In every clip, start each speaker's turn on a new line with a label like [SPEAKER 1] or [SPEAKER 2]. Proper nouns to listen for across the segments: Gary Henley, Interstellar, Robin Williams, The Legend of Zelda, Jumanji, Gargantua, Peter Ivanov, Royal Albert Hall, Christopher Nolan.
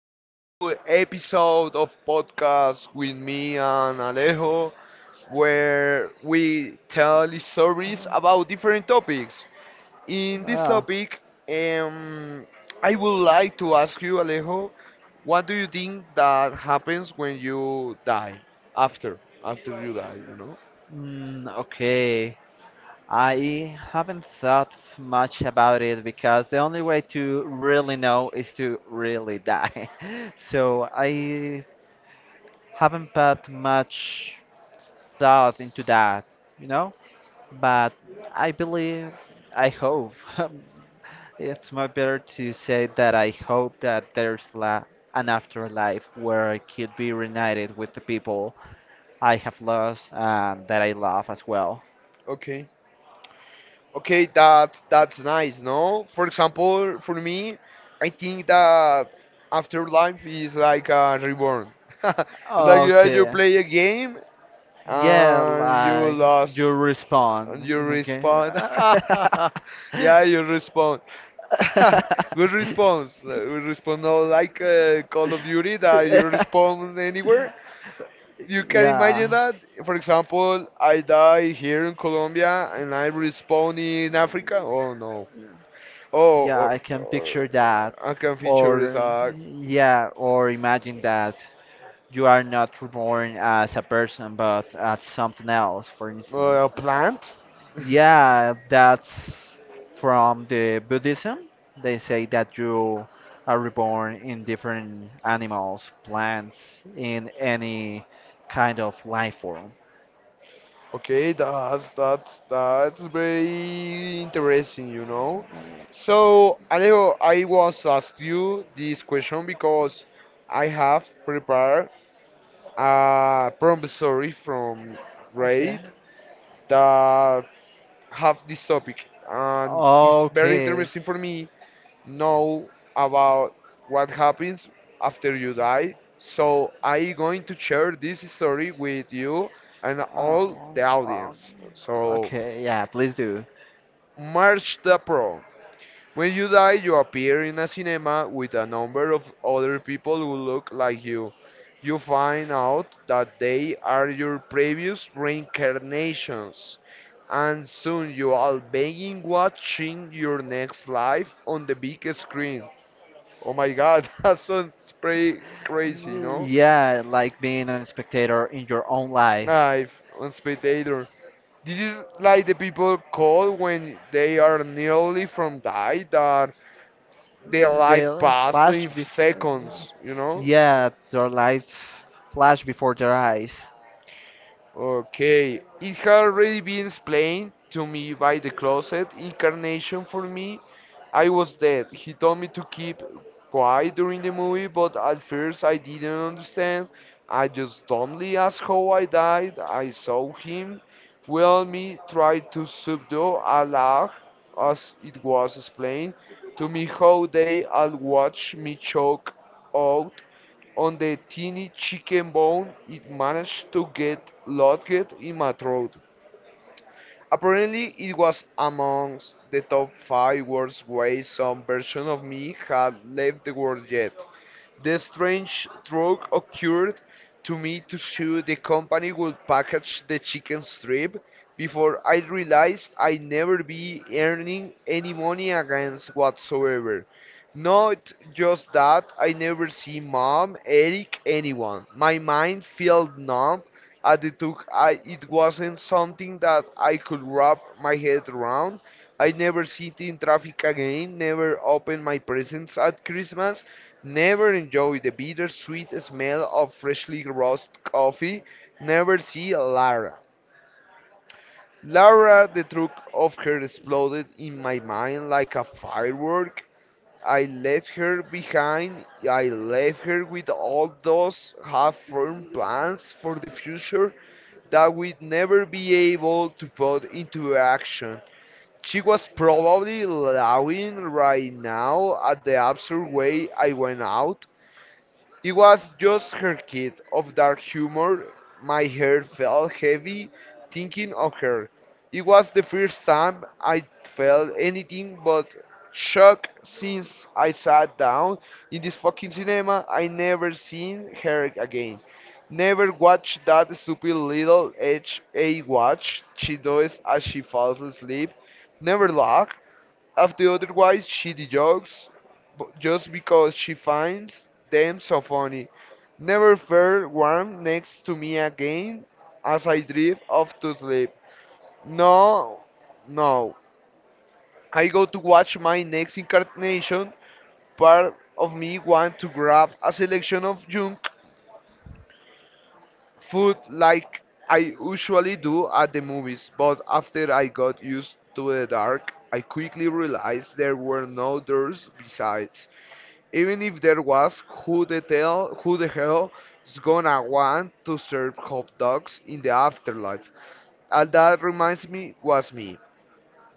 [SPEAKER 1] a new episode of podcast with me and Alejo, where we tell stories about different topics. In this
[SPEAKER 2] Oh,
[SPEAKER 1] topic, um, I would like to ask you, Alejo, what do you think that happens when you die after you die? You know?
[SPEAKER 2] okay. I haven't thought much about it because the only way to really know is to really die. So I haven't put much thought into that, you know? But I believe, I hope, it's much better to say that I hope that there's la an afterlife where I could be reunited with the people I have lost and that I love as well.
[SPEAKER 1] Okay. Okay, that's nice, no? For example, for me, I think that Afterlife is like a reborn. It's like you play a
[SPEAKER 2] Okay.
[SPEAKER 1] game
[SPEAKER 2] Yeah,
[SPEAKER 1] and you
[SPEAKER 2] like you
[SPEAKER 1] lost and
[SPEAKER 2] respond
[SPEAKER 1] you
[SPEAKER 2] in the game.
[SPEAKER 1] respawn. Yeah, you respawn. Good response. Good response. No, like Call of Duty that you respawn anywhere. You can imagine
[SPEAKER 2] Yeah.
[SPEAKER 1] that. For example, I die here in Colombia and I respawn in Africa. Oh no. Oh,
[SPEAKER 2] Yeah, I can
[SPEAKER 1] or
[SPEAKER 2] picture that.
[SPEAKER 1] I can feature is
[SPEAKER 2] Or,
[SPEAKER 1] a
[SPEAKER 2] yeah, or imagine that you are not reborn as a person, but as something else, for instance.
[SPEAKER 1] Well, a plant?
[SPEAKER 2] Yeah, that's from the Buddhism. They say that you are reborn in different animals, plants, in any kind of life form.
[SPEAKER 1] Okay, that's very interesting, you know.
[SPEAKER 2] Mm,
[SPEAKER 1] So, Alejo, I was asked you this question because I have prepared a promissory from
[SPEAKER 2] okay.
[SPEAKER 1] Reddit that have this topic, and it's very
[SPEAKER 2] Okay.
[SPEAKER 1] interesting for me know about what happens after you die. So I going to share this story with you and
[SPEAKER 2] Oh,
[SPEAKER 1] all the
[SPEAKER 2] oh,
[SPEAKER 1] audience. So
[SPEAKER 2] okay, yeah, please do.
[SPEAKER 1] merge the pro. When you die, you appear in a cinema with a number of other people who look like you. You find out that they are your previous reincarnations, and soon you are begging watching your next life on the big screen. Oh my god, that sounds pretty crazy, no?
[SPEAKER 2] Yeah, like being a spectator in your own life.
[SPEAKER 1] Live on spectator. This is like the people call when they are nearly from die that the life
[SPEAKER 2] They
[SPEAKER 1] passed
[SPEAKER 2] flash
[SPEAKER 1] in
[SPEAKER 2] before.
[SPEAKER 1] seconds, you know?
[SPEAKER 2] Yeah, their lives flash before their eyes.
[SPEAKER 1] Okay, it had already been explained to me by the closet incarnation for me. I was dead. He told me to keep quiet during the movie, but at first I didn't understand. I just dumbly asked how I died. I saw him. Well, me tried to subdue a laugh, as it was explained to me how they all watched me choke out on the tiny chicken bone, it managed to get lodged in my throat. Apparently, it was amongst the top five worst ways some version of me had left the world yet. The strange stroke occurred to me to show the company would package the chicken strip before I realized I'd never be earning any money against whatsoever. Not just that, I never see mom, Eric, anyone. My mind felt numb at the took I it wasn't something that I could wrap my head around. I never sit in traffic again, never open my presents at Christmas, never enjoy the bittersweet smell of freshly roasted coffee. Never see Lara. Lara, the truth of her exploded in my mind like a firework. I left her behind. I left her with all those half formed plans for the future that we'd never be able to put into action. She was probably laughing right now at the absurd way I went out. It was just her kid of dark humor. My head felt heavy thinking of her. It was the first time I felt anything but shock since I sat down in this fucking cinema. I never seen her again. Never watched that stupid little HA watch she does as she falls asleep. Never laugh of the otherwise shitty jokes just because she finds them so funny. Never felt warm next to me again as I drift off to sleep. No, no. I go to watch my next incarnation. Part of me want to grab a selection of junk food like I usually do at the movies, but after I got used to the dark, I quickly realized there were no doors besides. Even if there was, who the hell is gonna want to serve hot dogs in the afterlife? All that reminds me was me.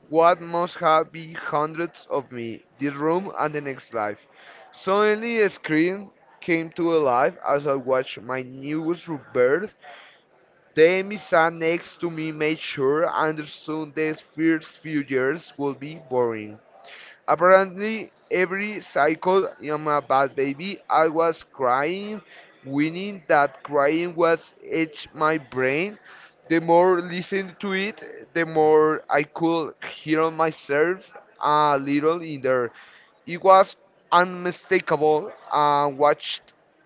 [SPEAKER 1] What must have be hundreds of me, this room and the next life. Suddenly a scream came to life as I watched my newest rebirth. The Emmy sat next to me made sure I understood these first few years would be boring. Apparently, every cycle I'm a bad baby, I was crying, winning that crying was etched my brain. The more listened to it, the more I could hear on myself a little in there. It was unmistakable. I watched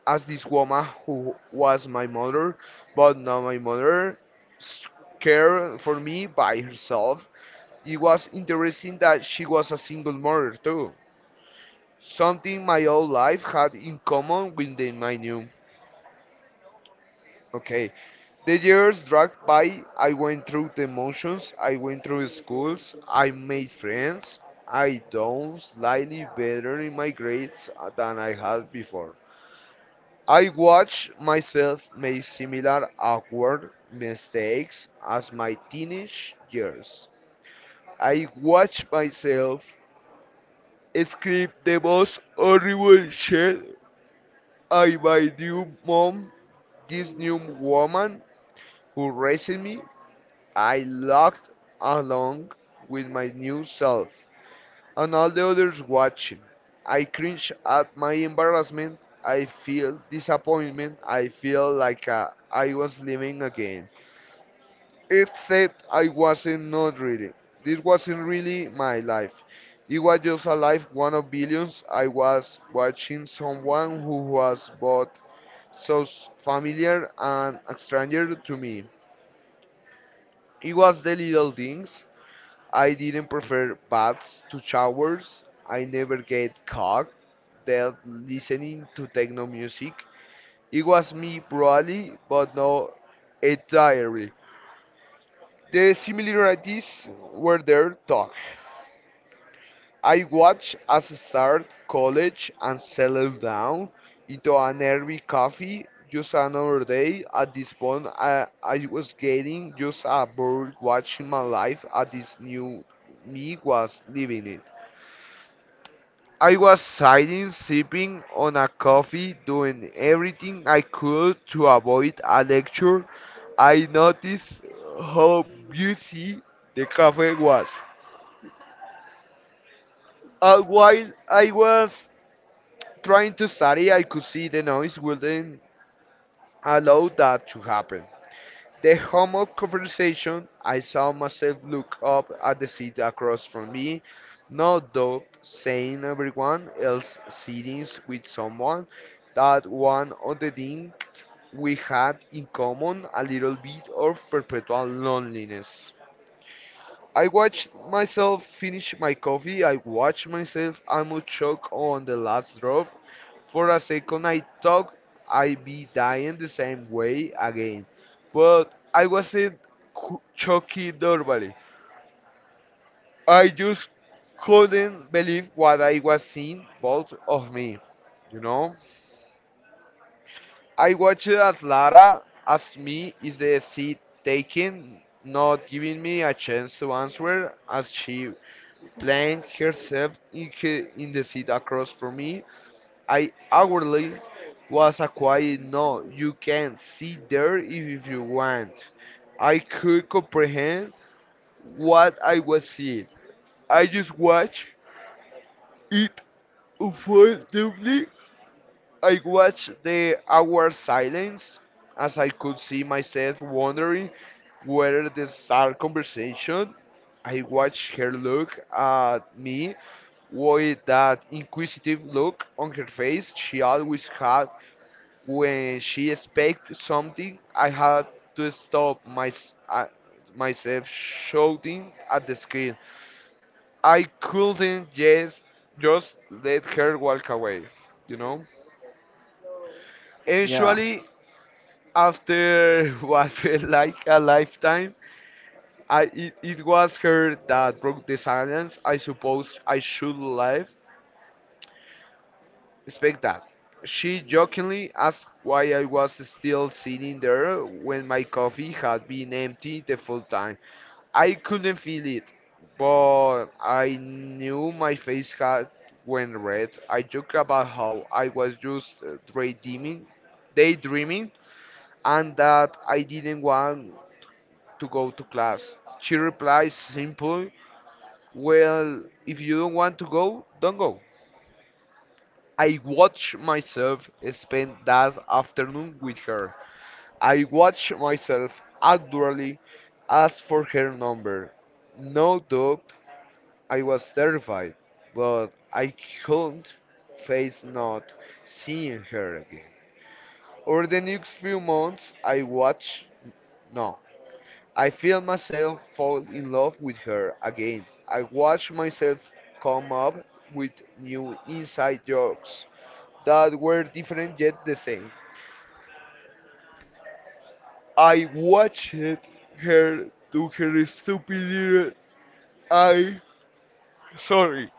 [SPEAKER 1] as this woman who was my mother, but not my mother, care for me by herself it was interesting that she was a single mother too, something my old life had in common with the, my new. Okay, the years dragged by. I went through the motions. I went through schools. I made friends. I done slightly better in my grades than I had before. I watched myself make similar awkward mistakes as my teenage years. I watched myself Script the most horrible shit I my new mom, this new woman who raised me. I laughed along with my new self and all the others watching. I cringe at my embarrassment. I feel disappointment. I feel like I was living again. Except I wasn't not reading. This wasn't really my life. It was just a life one of billions. I was watching someone who was both so familiar and a stranger to me. It was the little things. I didn't prefer baths to showers. I never get caught dead listening to techno music. It was me broadly, but not entirely. The similarities were there, though. I watched us start college and settle down into an early coffee. Just another day. At this point, I was getting just a bored watching my life at this new me was living it. I was sitting, sipping on a coffee, doing everything I could to avoid a lecture. I noticed how busy the cafe was. While I was trying to study, I could see the noise wouldn't allow that to happen. The home of conversation, I saw myself look up at the seat across from me, no doubt saying everyone else sitting with someone that one of the things we had in common a little bit of perpetual loneliness. I watched myself finish my coffee. I watched myself almost choke on the last drop. For a second, I thought I'd be dying the same way again. But I wasn't choking normally. I just couldn't believe what I was seeing, both of me. You know? I watched as Lara asked me, "Is the seat taken?" Not giving me a chance to answer as she Playing herself in, in the seat across from me, I awkwardly was a quiet no, you can sit there if you want. I could comprehend what I was seeing. I just watched it unfold slowly. I watched the hour silence as I could see myself wondering whether the sad conversation. I watched her look at me with that inquisitive look on her face she always had when she expected something. I had to stop my, uh, myself shouting at the screen. I couldn't just let her walk away, you know.
[SPEAKER 2] Yeah.
[SPEAKER 1] Eventually, after what felt like a lifetime, it was her that broke the silence. I suppose I should live. Expect that. She jokingly asked why I was still sitting there when my coffee had been empty the full time. I couldn't feel it, but I knew my face had went red. I joked about how I was just daydreaming, and that I didn't want to go to class. She replies simply, "Well, if you don't want to go, don't go." I watch myself spend that afternoon with her. I watch myself actually ask for her number. No doubt I was terrified, but I couldn't face not seeing her again. Over the next few months, I watched no, I feel myself fall in love with her again. I watch myself come up with new inside jokes that were different yet the same. I watched her do her stupid little I sorry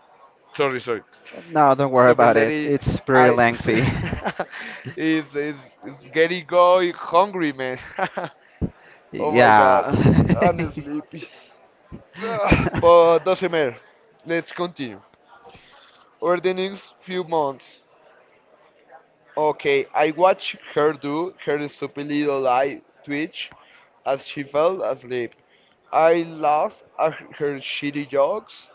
[SPEAKER 1] sorry.
[SPEAKER 2] No, don't worry
[SPEAKER 1] Stupid
[SPEAKER 2] about it.
[SPEAKER 1] lady
[SPEAKER 2] It's pretty
[SPEAKER 1] I
[SPEAKER 2] lengthy.
[SPEAKER 1] is is is getting going hungry man. Oh my god,
[SPEAKER 2] Yeah.
[SPEAKER 1] I'm sleepy. But doesn't matter. Let's continue. Over the next few months. Okay, I watched her do her stupid little eye twitch as she fell asleep. I laughed at her shitty jokes,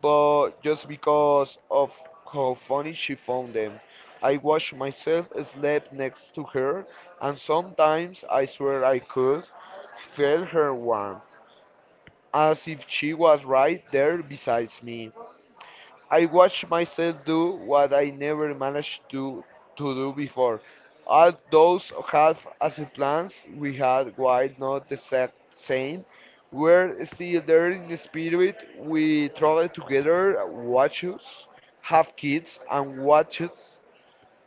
[SPEAKER 1] but just because of how funny she found them. I watched myself sleep next to her, and sometimes I swear I could feel her warmth, as if she was right there beside me. I watch myself do what I never managed to do before. All those half-assed plans we had, while not the exact same, were still there in the spirit. We traveled together, watches, have kids, and watches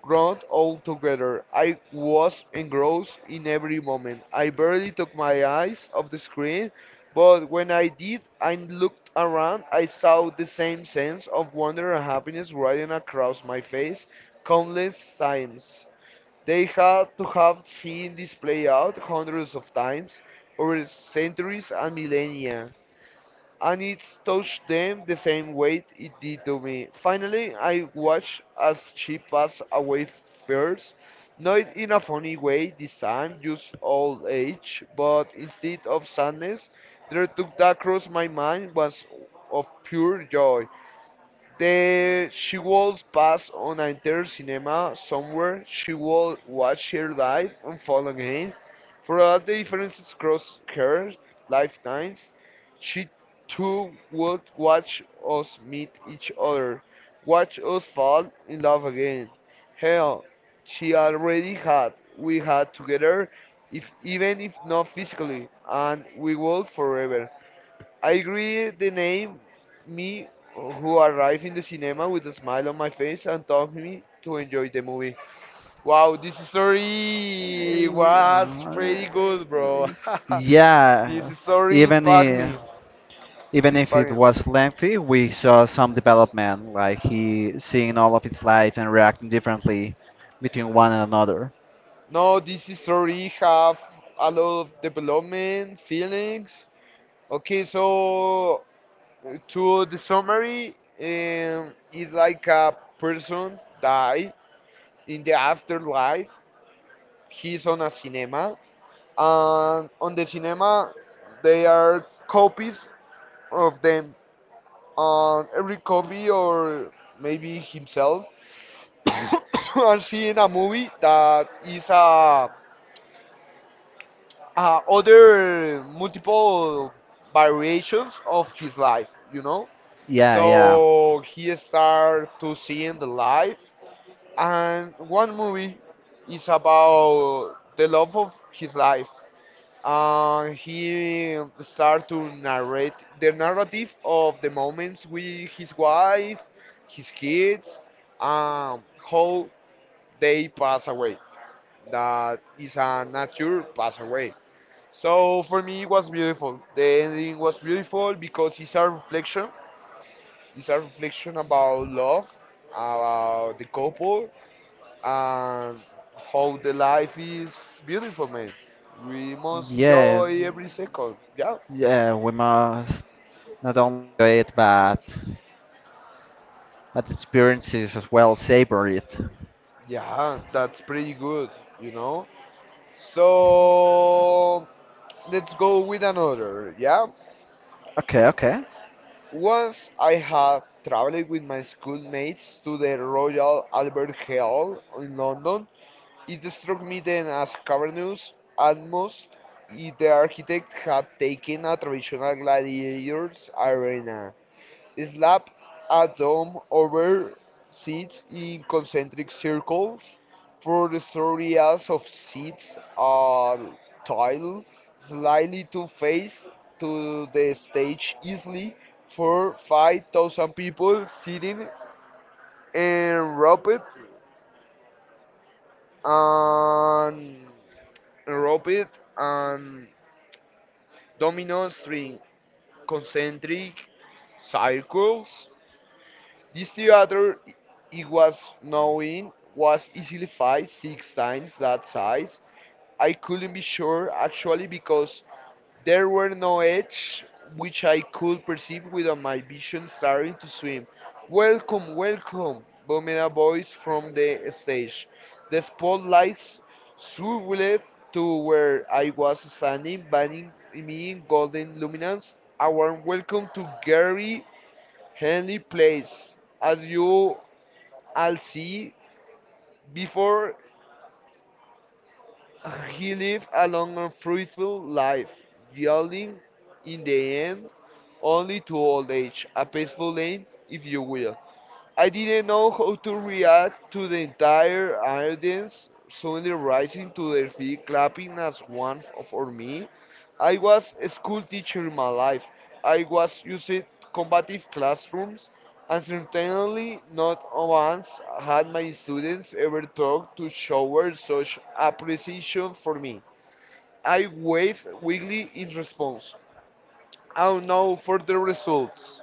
[SPEAKER 1] grown altogether. I was engrossed in every moment. I barely took my eyes off the screen, but when I did and looked around, I saw the same sense of wonder and happiness riding across my face countless times. They had to have seen this play out hundreds of times over centuries and millennia, and it touched them the same way it did to me. Finally, I watched as she passed away first, not in a funny way this time, just old age, but instead of sadness, there took that across my mind was of pure joy. The she was pass on an inter cinema somewhere. She will watch her life unfold again. Throughout the differences across her lifetimes, she too would watch us meet each other, watch us fall in love again. Hell, she already had. We had together, if even if not physically, and we will forever. I agree the name me who arrived in the cinema with a smile on my face and told me to enjoy the movie. Wow, this story was
[SPEAKER 2] Yeah.
[SPEAKER 1] pretty good, bro.
[SPEAKER 2] Yeah,
[SPEAKER 1] This story
[SPEAKER 2] even
[SPEAKER 1] impact
[SPEAKER 2] if,
[SPEAKER 1] me.
[SPEAKER 2] even if it
[SPEAKER 1] Impact me.
[SPEAKER 2] was lengthy, we saw some development, like he seeing all of his life and reacting differently between one and another.
[SPEAKER 1] No, this story have a lot of development, feelings. Okay, so to the summary, it's like a person die in the afterlife. He's on a cinema, and on the cinema they are copies of them. And every copy, or maybe himself, are seeing a movie that is a other multiple variations of his life. You know,
[SPEAKER 2] Yeah, yeah.
[SPEAKER 1] so he start to seeing the life, and one movie is about the love of his life. He started to narrate the narrative of the moments with his wife, his kids, um, how they pass away. That is a nature pass away. So for me, it was beautiful. The ending was beautiful because it's a reflection. It's a reflection about love, about the couple, and how the life is beautiful, man. We must
[SPEAKER 2] Yeah,
[SPEAKER 1] enjoy every second. Yeah.
[SPEAKER 2] yeah, we must not only enjoy it, but experiences as well, savor it.
[SPEAKER 1] Yeah, that's pretty good, you know? So let's go with another, yeah?
[SPEAKER 2] Okay, okay.
[SPEAKER 1] Once I had traveled with my schoolmates to the Royal Albert Hall in London, it struck me then as cavernous, almost the architect had taken a traditional gladiators arena. Slap a dome over seats in concentric circles. For the three areas of seats are tiled slightly to face to the stage easily for 5,000 people sitting enrobed and enrobed and domino string concentric circles. This theater it was knowing was easily five, six times that size. I couldn't be sure actually because there were no edges which I could perceive without my vision starting to swim. Welcome, welcome, boomed a voice from the stage. The spotlights swirled to where I was standing, banning me in golden luminance. A warm welcome to Gary Henley Place, as you all see, before he lived a long and fruitful life, yielding in the end only to old age, a peaceful end, if you will. I didn't know how to react to the entire audience suddenly rising to their feet, clapping as one for me. I was a school teacher in my life. I was used to combative classrooms, and certainly not once had my students ever talked to shower such appreciation for me. I waved weakly in response. I don't know for the results.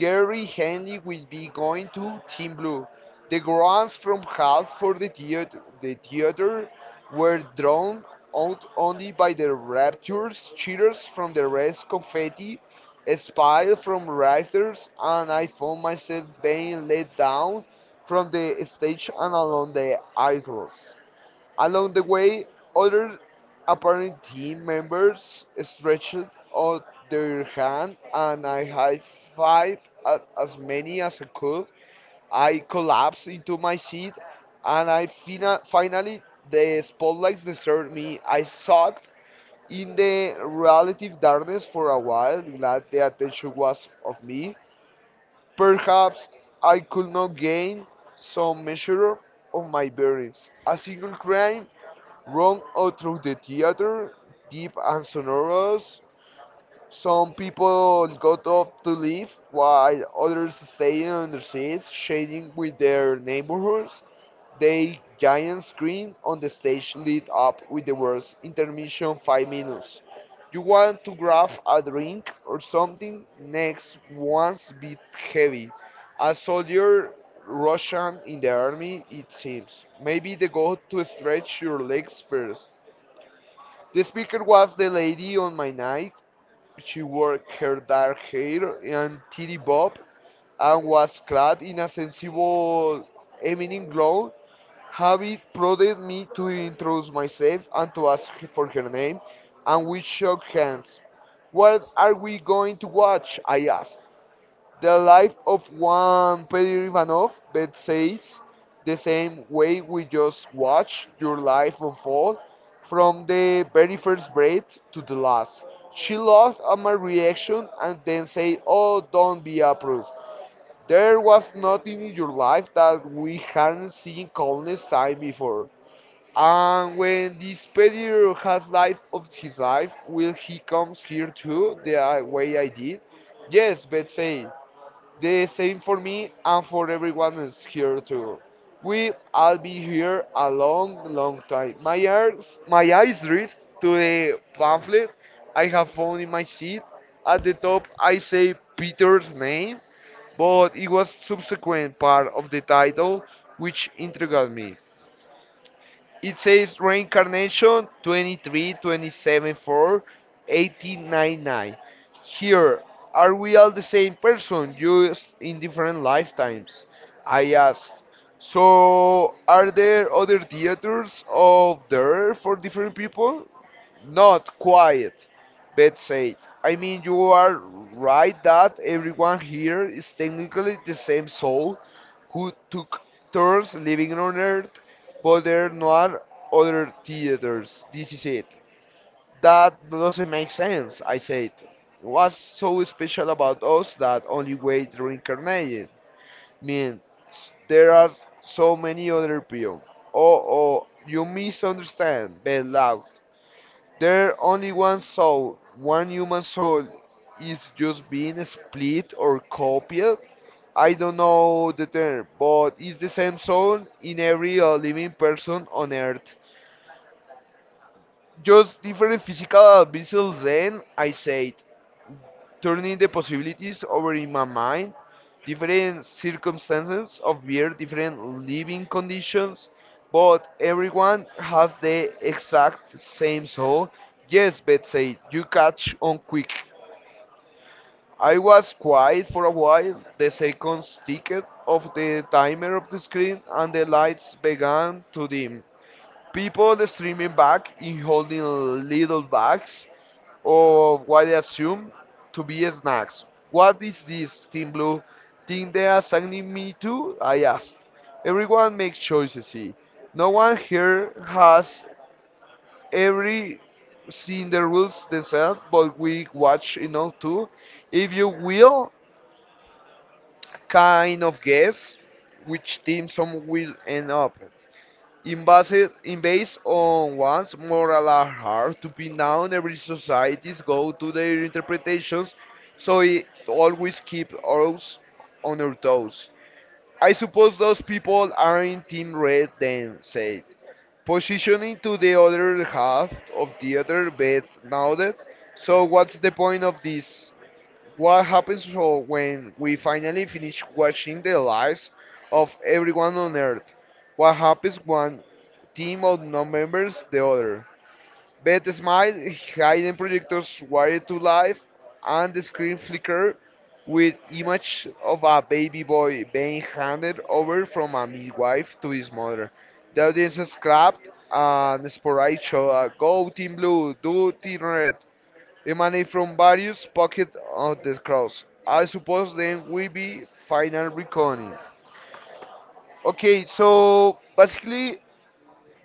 [SPEAKER 1] Gary Henley will be going to Team Blue. The grants from half for the theater were drawn out only by the raptures, cheers from the rest, confetti, a smile from writers, and I found myself being let down from the stage and along the aisles. Along the way, other apparent team members stretched out their hand and I high fived at as many as I could. I collapsed into my seat and I finally the spotlights deserted me. I sucked in the relative darkness for a while, glad the attention was of me. Perhaps I could not gain some measure of my bearings. A single crime run out through the theater, deep and sonorous. Some people got up to leave, while others stayed on their seats, shading with their neighborhoods. The giant screen on the stage lit up with the words intermission 5 minutes. You want to grab a drink or something? Next one's bit heavy. A soldier Russian in the army, it seems. Maybe they go to stretch your legs first. The speaker was the lady on my night. She wore her dark hair and titty bob and was clad in a sensible evening gown. Habit prodded me to introduce myself and to ask for her name, and we shook hands. What are we going to watch? I asked. The life of one Peter Ivanov that says the same way we just watch your life unfold from the very first breath to the last. She laughed at my reaction and then said, "Oh, don't be a prude. There was nothing in your life that we hadn't seen countless times before." And when this Peter has life of his life, will he comes here too, the way I did? Yes, Betsy. The same for me and for everyone is here too. We all be here a long, long time. My eyes drift to the pamphlet I have found in my seat. At the top, I say Peter's name, but it was subsequent part of the title which intrigued me. It says reincarnation 23, 27, 4, 18, 9, 9. Here, are we all the same person, just in different lifetimes? I asked. So, are there other theaters out there for different people? Not quite, Beth said. I mean, you are right that everyone here is technically the same soul, who took turns living on Earth, but there are no other theaters. This is it. That doesn't make sense, I said. What's so special about us that only we reincarnated? Mean there are so many other people. Oh, oh, you misunderstand, Ben laughed. There only one soul, one human soul, is just being split or copied. I don't know the term, but it's the same soul in every living person on earth. Just different physical vessels, then I said turning the possibilities over in my mind, different circumstances of beer, different living conditions, but everyone has the exact same soul. Yes, Betsy, you catch on quick. I was quiet for a while. The seconds ticked off the timer of the screen and the lights began to dim. People streaming back in holding little bags of what they assume to be snacks. What is this, Team Blue? Thing they are assigning me to? I asked. Everyone makes choices, see. No one here has every seen the rules themselves, but we watch enough too. If you will, kind of guess which team some will end up in based, in based on one's moral are hard to pin down, every societies go to their interpretations, so it always keeps us on our toes. I suppose those people are in Team Red then, said. Positioning to the other half of the other bed nodded. So what's the point of this? What happens so when we finally finish watching the lives of everyone on Earth? What happens when team of non-members the other? Beth smiled, hidden projectors wired to life, and the screen flickered with image of a baby boy being handed over from a midwife to his mother. The audience clapped and sporadic shouted, "Go Team Blue! Do Team Red!" emanate from various pockets of the cross. I suppose then we be final reckoning. Okay, so basically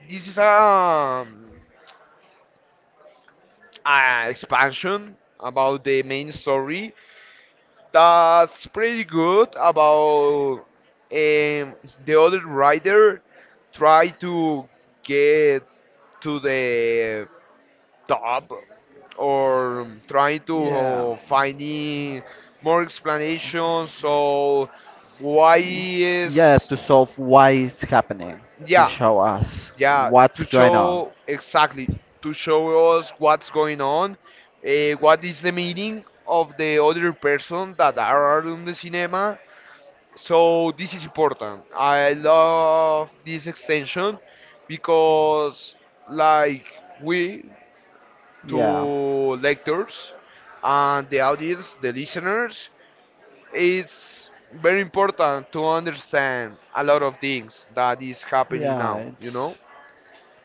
[SPEAKER 1] this is a expansion about the main story that's pretty good about um, the other rider try to get to the top or trying to
[SPEAKER 2] Yeah.
[SPEAKER 1] finding more explanations so why
[SPEAKER 2] Yeah,
[SPEAKER 1] is
[SPEAKER 2] to solve why it's happening, to
[SPEAKER 1] yeah
[SPEAKER 2] show us
[SPEAKER 1] yeah
[SPEAKER 2] what's
[SPEAKER 1] to
[SPEAKER 2] going on.
[SPEAKER 1] show exactly to show us what's going on, what is the meaning of the other person that are in the cinema so this is important. I love this extension because like we to
[SPEAKER 2] Yeah.
[SPEAKER 1] lectors and the audience, the listeners. It's very important to understand a lot of things that is happening
[SPEAKER 2] Yeah,
[SPEAKER 1] now, you know?
[SPEAKER 2] it's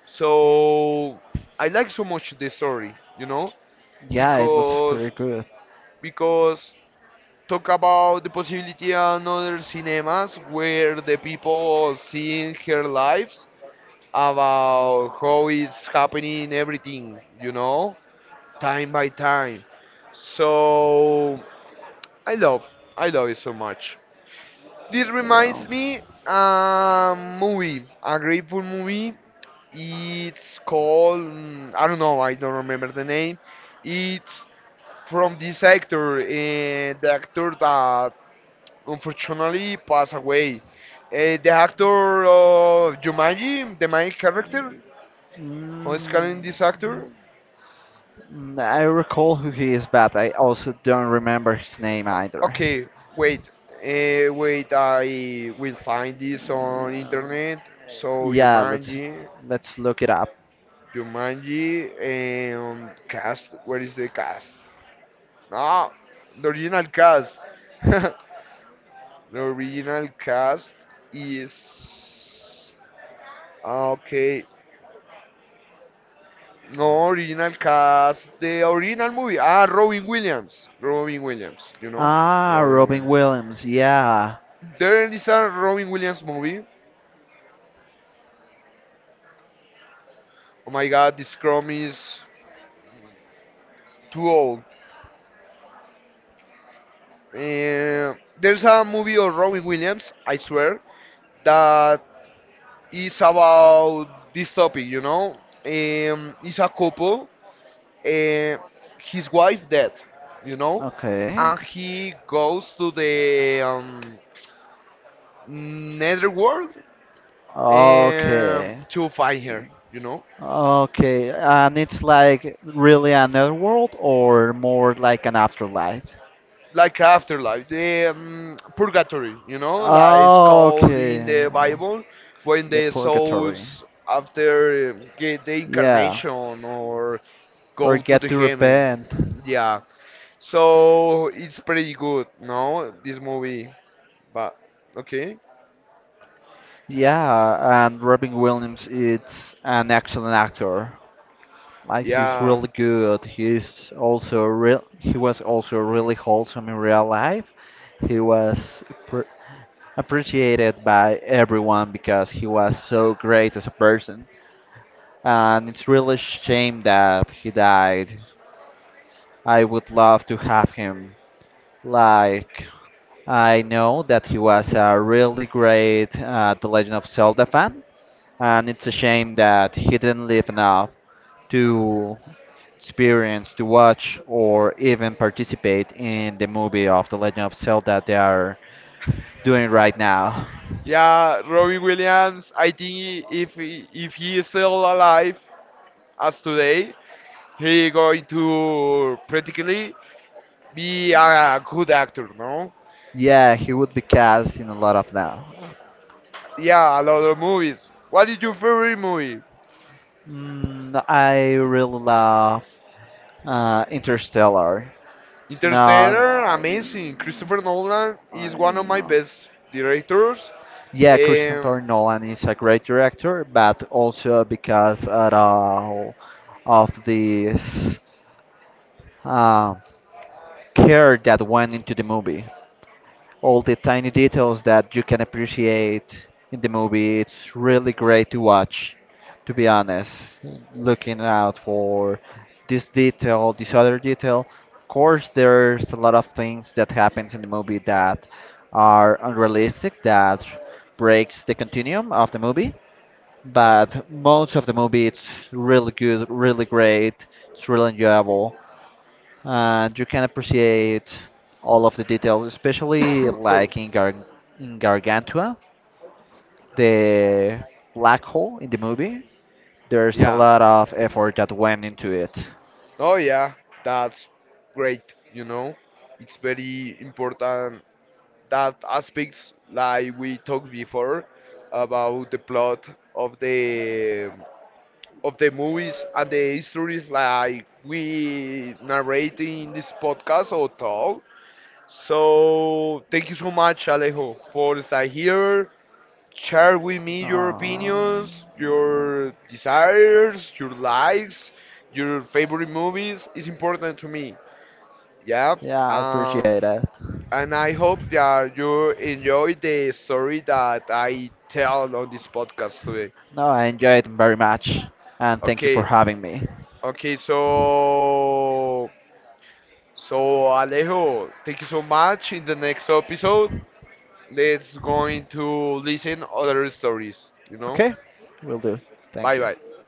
[SPEAKER 1] So I like so much the story, you know,
[SPEAKER 2] yeah, it was
[SPEAKER 1] because
[SPEAKER 2] pretty good.
[SPEAKER 1] because talk about the possibility on other cinemas where the people seeing her lives about how it's happening everything, you know, time by time. So I love, I love it so much. This reminds
[SPEAKER 2] Yeah.
[SPEAKER 1] me a movie, a grateful movie. It's called I don't know, I don't remember the name. It's from this actor, the actor that unfortunately passed away. The actor of Jumanji, the main character. How is calling
[SPEAKER 2] Movie.
[SPEAKER 1] this actor?
[SPEAKER 2] I recall who he is, but I also don't remember his name either.
[SPEAKER 1] Okay, wait, wait. I will find this
[SPEAKER 2] Yeah, English,
[SPEAKER 1] on internet.
[SPEAKER 2] okay?
[SPEAKER 1] So
[SPEAKER 2] Yeah, let's
[SPEAKER 1] Jumanji,
[SPEAKER 2] let's look it up.
[SPEAKER 1] Jumanji, and cast. Where is the cast? No, the original cast. The original cast is ah, okay. No original cast. The original movie. Ah, Robin Williams. Robin Williams. You know,
[SPEAKER 2] Ah,
[SPEAKER 1] Robin
[SPEAKER 2] Robin
[SPEAKER 1] Williams.
[SPEAKER 2] Williams. Yeah.
[SPEAKER 1] There is a Robin Williams movie. Oh my God, this Chrome is too old. Uh, there's a movie of Robin Williams, I swear, that is about this topic, you know? It's a couple, uh, his wife dead, you
[SPEAKER 2] You.
[SPEAKER 1] know?
[SPEAKER 2] Okay.
[SPEAKER 1] And he goes to the netherworld
[SPEAKER 2] Um, okay.
[SPEAKER 1] to find
[SPEAKER 2] See.
[SPEAKER 1] her, you know?
[SPEAKER 2] Okay, and it's like really another world or more like an afterlife?
[SPEAKER 1] Like afterlife, the purgatory, you know, like it's called in the
[SPEAKER 2] Okay. Okay.
[SPEAKER 1] Bible, when
[SPEAKER 2] The
[SPEAKER 1] the
[SPEAKER 2] purgatory. Souls.
[SPEAKER 1] souls after get the
[SPEAKER 2] Yeah.
[SPEAKER 1] incarnation or
[SPEAKER 2] Or. Or
[SPEAKER 1] go
[SPEAKER 2] come to
[SPEAKER 1] to
[SPEAKER 2] get
[SPEAKER 1] the
[SPEAKER 2] to
[SPEAKER 1] heaven.
[SPEAKER 2] repent. Repent.
[SPEAKER 1] Yeah, so it's pretty good, no, this movie. But okay,
[SPEAKER 2] Yeah, and Robin Williams is an excellent actor. Like he's
[SPEAKER 1] yeah,
[SPEAKER 2] really good. He's also real. He was also really wholesome in real life. He was appreciated by everyone because he was so great as a person. And it's really shame that he died. I would love to have him. Like I know that he was a really great The Legend of Zelda fan, and it's a shame that he didn't live enough to experience to watch or even participate in the movie of The Legend of Zelda that they are doing right now?
[SPEAKER 1] yeah, Robin Williams. I think if he is still alive as today, he going to practically be a good actor, no?
[SPEAKER 2] Yeah, he would be cast in a lot of now.
[SPEAKER 1] Yeah, a lot of movies. What is your favorite movie?
[SPEAKER 2] Mm, I really love Interstellar. It's not.
[SPEAKER 1] Interstellar,
[SPEAKER 2] I,
[SPEAKER 1] amazing. Christopher Nolan
[SPEAKER 2] I
[SPEAKER 1] is one of
[SPEAKER 2] don't
[SPEAKER 1] my
[SPEAKER 2] know.
[SPEAKER 1] best directors.
[SPEAKER 2] Yeah,
[SPEAKER 1] Um,
[SPEAKER 2] Christopher Nolan is a great director, but also because at all of this um care that went into the movie. All the tiny details that you can appreciate in the movie. It's really great to watch, to be honest. Looking out for this detail, this other detail. Of course, there's a lot of things that happens in the movie that are unrealistic, that breaks the continuum of the movie. But most of the movie, it's really good, really great. It's really enjoyable and you can appreciate all of the details, especially
[SPEAKER 1] but
[SPEAKER 2] like in Gargantua, the black hole in the movie. There's a
[SPEAKER 1] yeah,
[SPEAKER 2] lot of effort that went into it.
[SPEAKER 1] oh yeah, that's great. You know, it's very important that aspects like we talked before about the plot of the movies and the histories like we narrate in this podcast or talk. So thank you so much, Alejo, for staying here. Share with me your
[SPEAKER 2] Uh,
[SPEAKER 1] opinions, your desires, your likes, your favorite movies. It's important to me. Yeah.
[SPEAKER 2] yeah, I appreciate
[SPEAKER 1] Um,
[SPEAKER 2] it.
[SPEAKER 1] and I hope that you enjoy the story that I tell on this podcast today.
[SPEAKER 2] No, I enjoyed it very much, and thank you for
[SPEAKER 1] Okay.
[SPEAKER 2] having me.
[SPEAKER 1] Okay. So. So Alejo, thank you so much. In the next episode, let's going to listen other stories you know.
[SPEAKER 2] Okay, will do. Thank
[SPEAKER 1] Bye
[SPEAKER 2] you.
[SPEAKER 1] bye.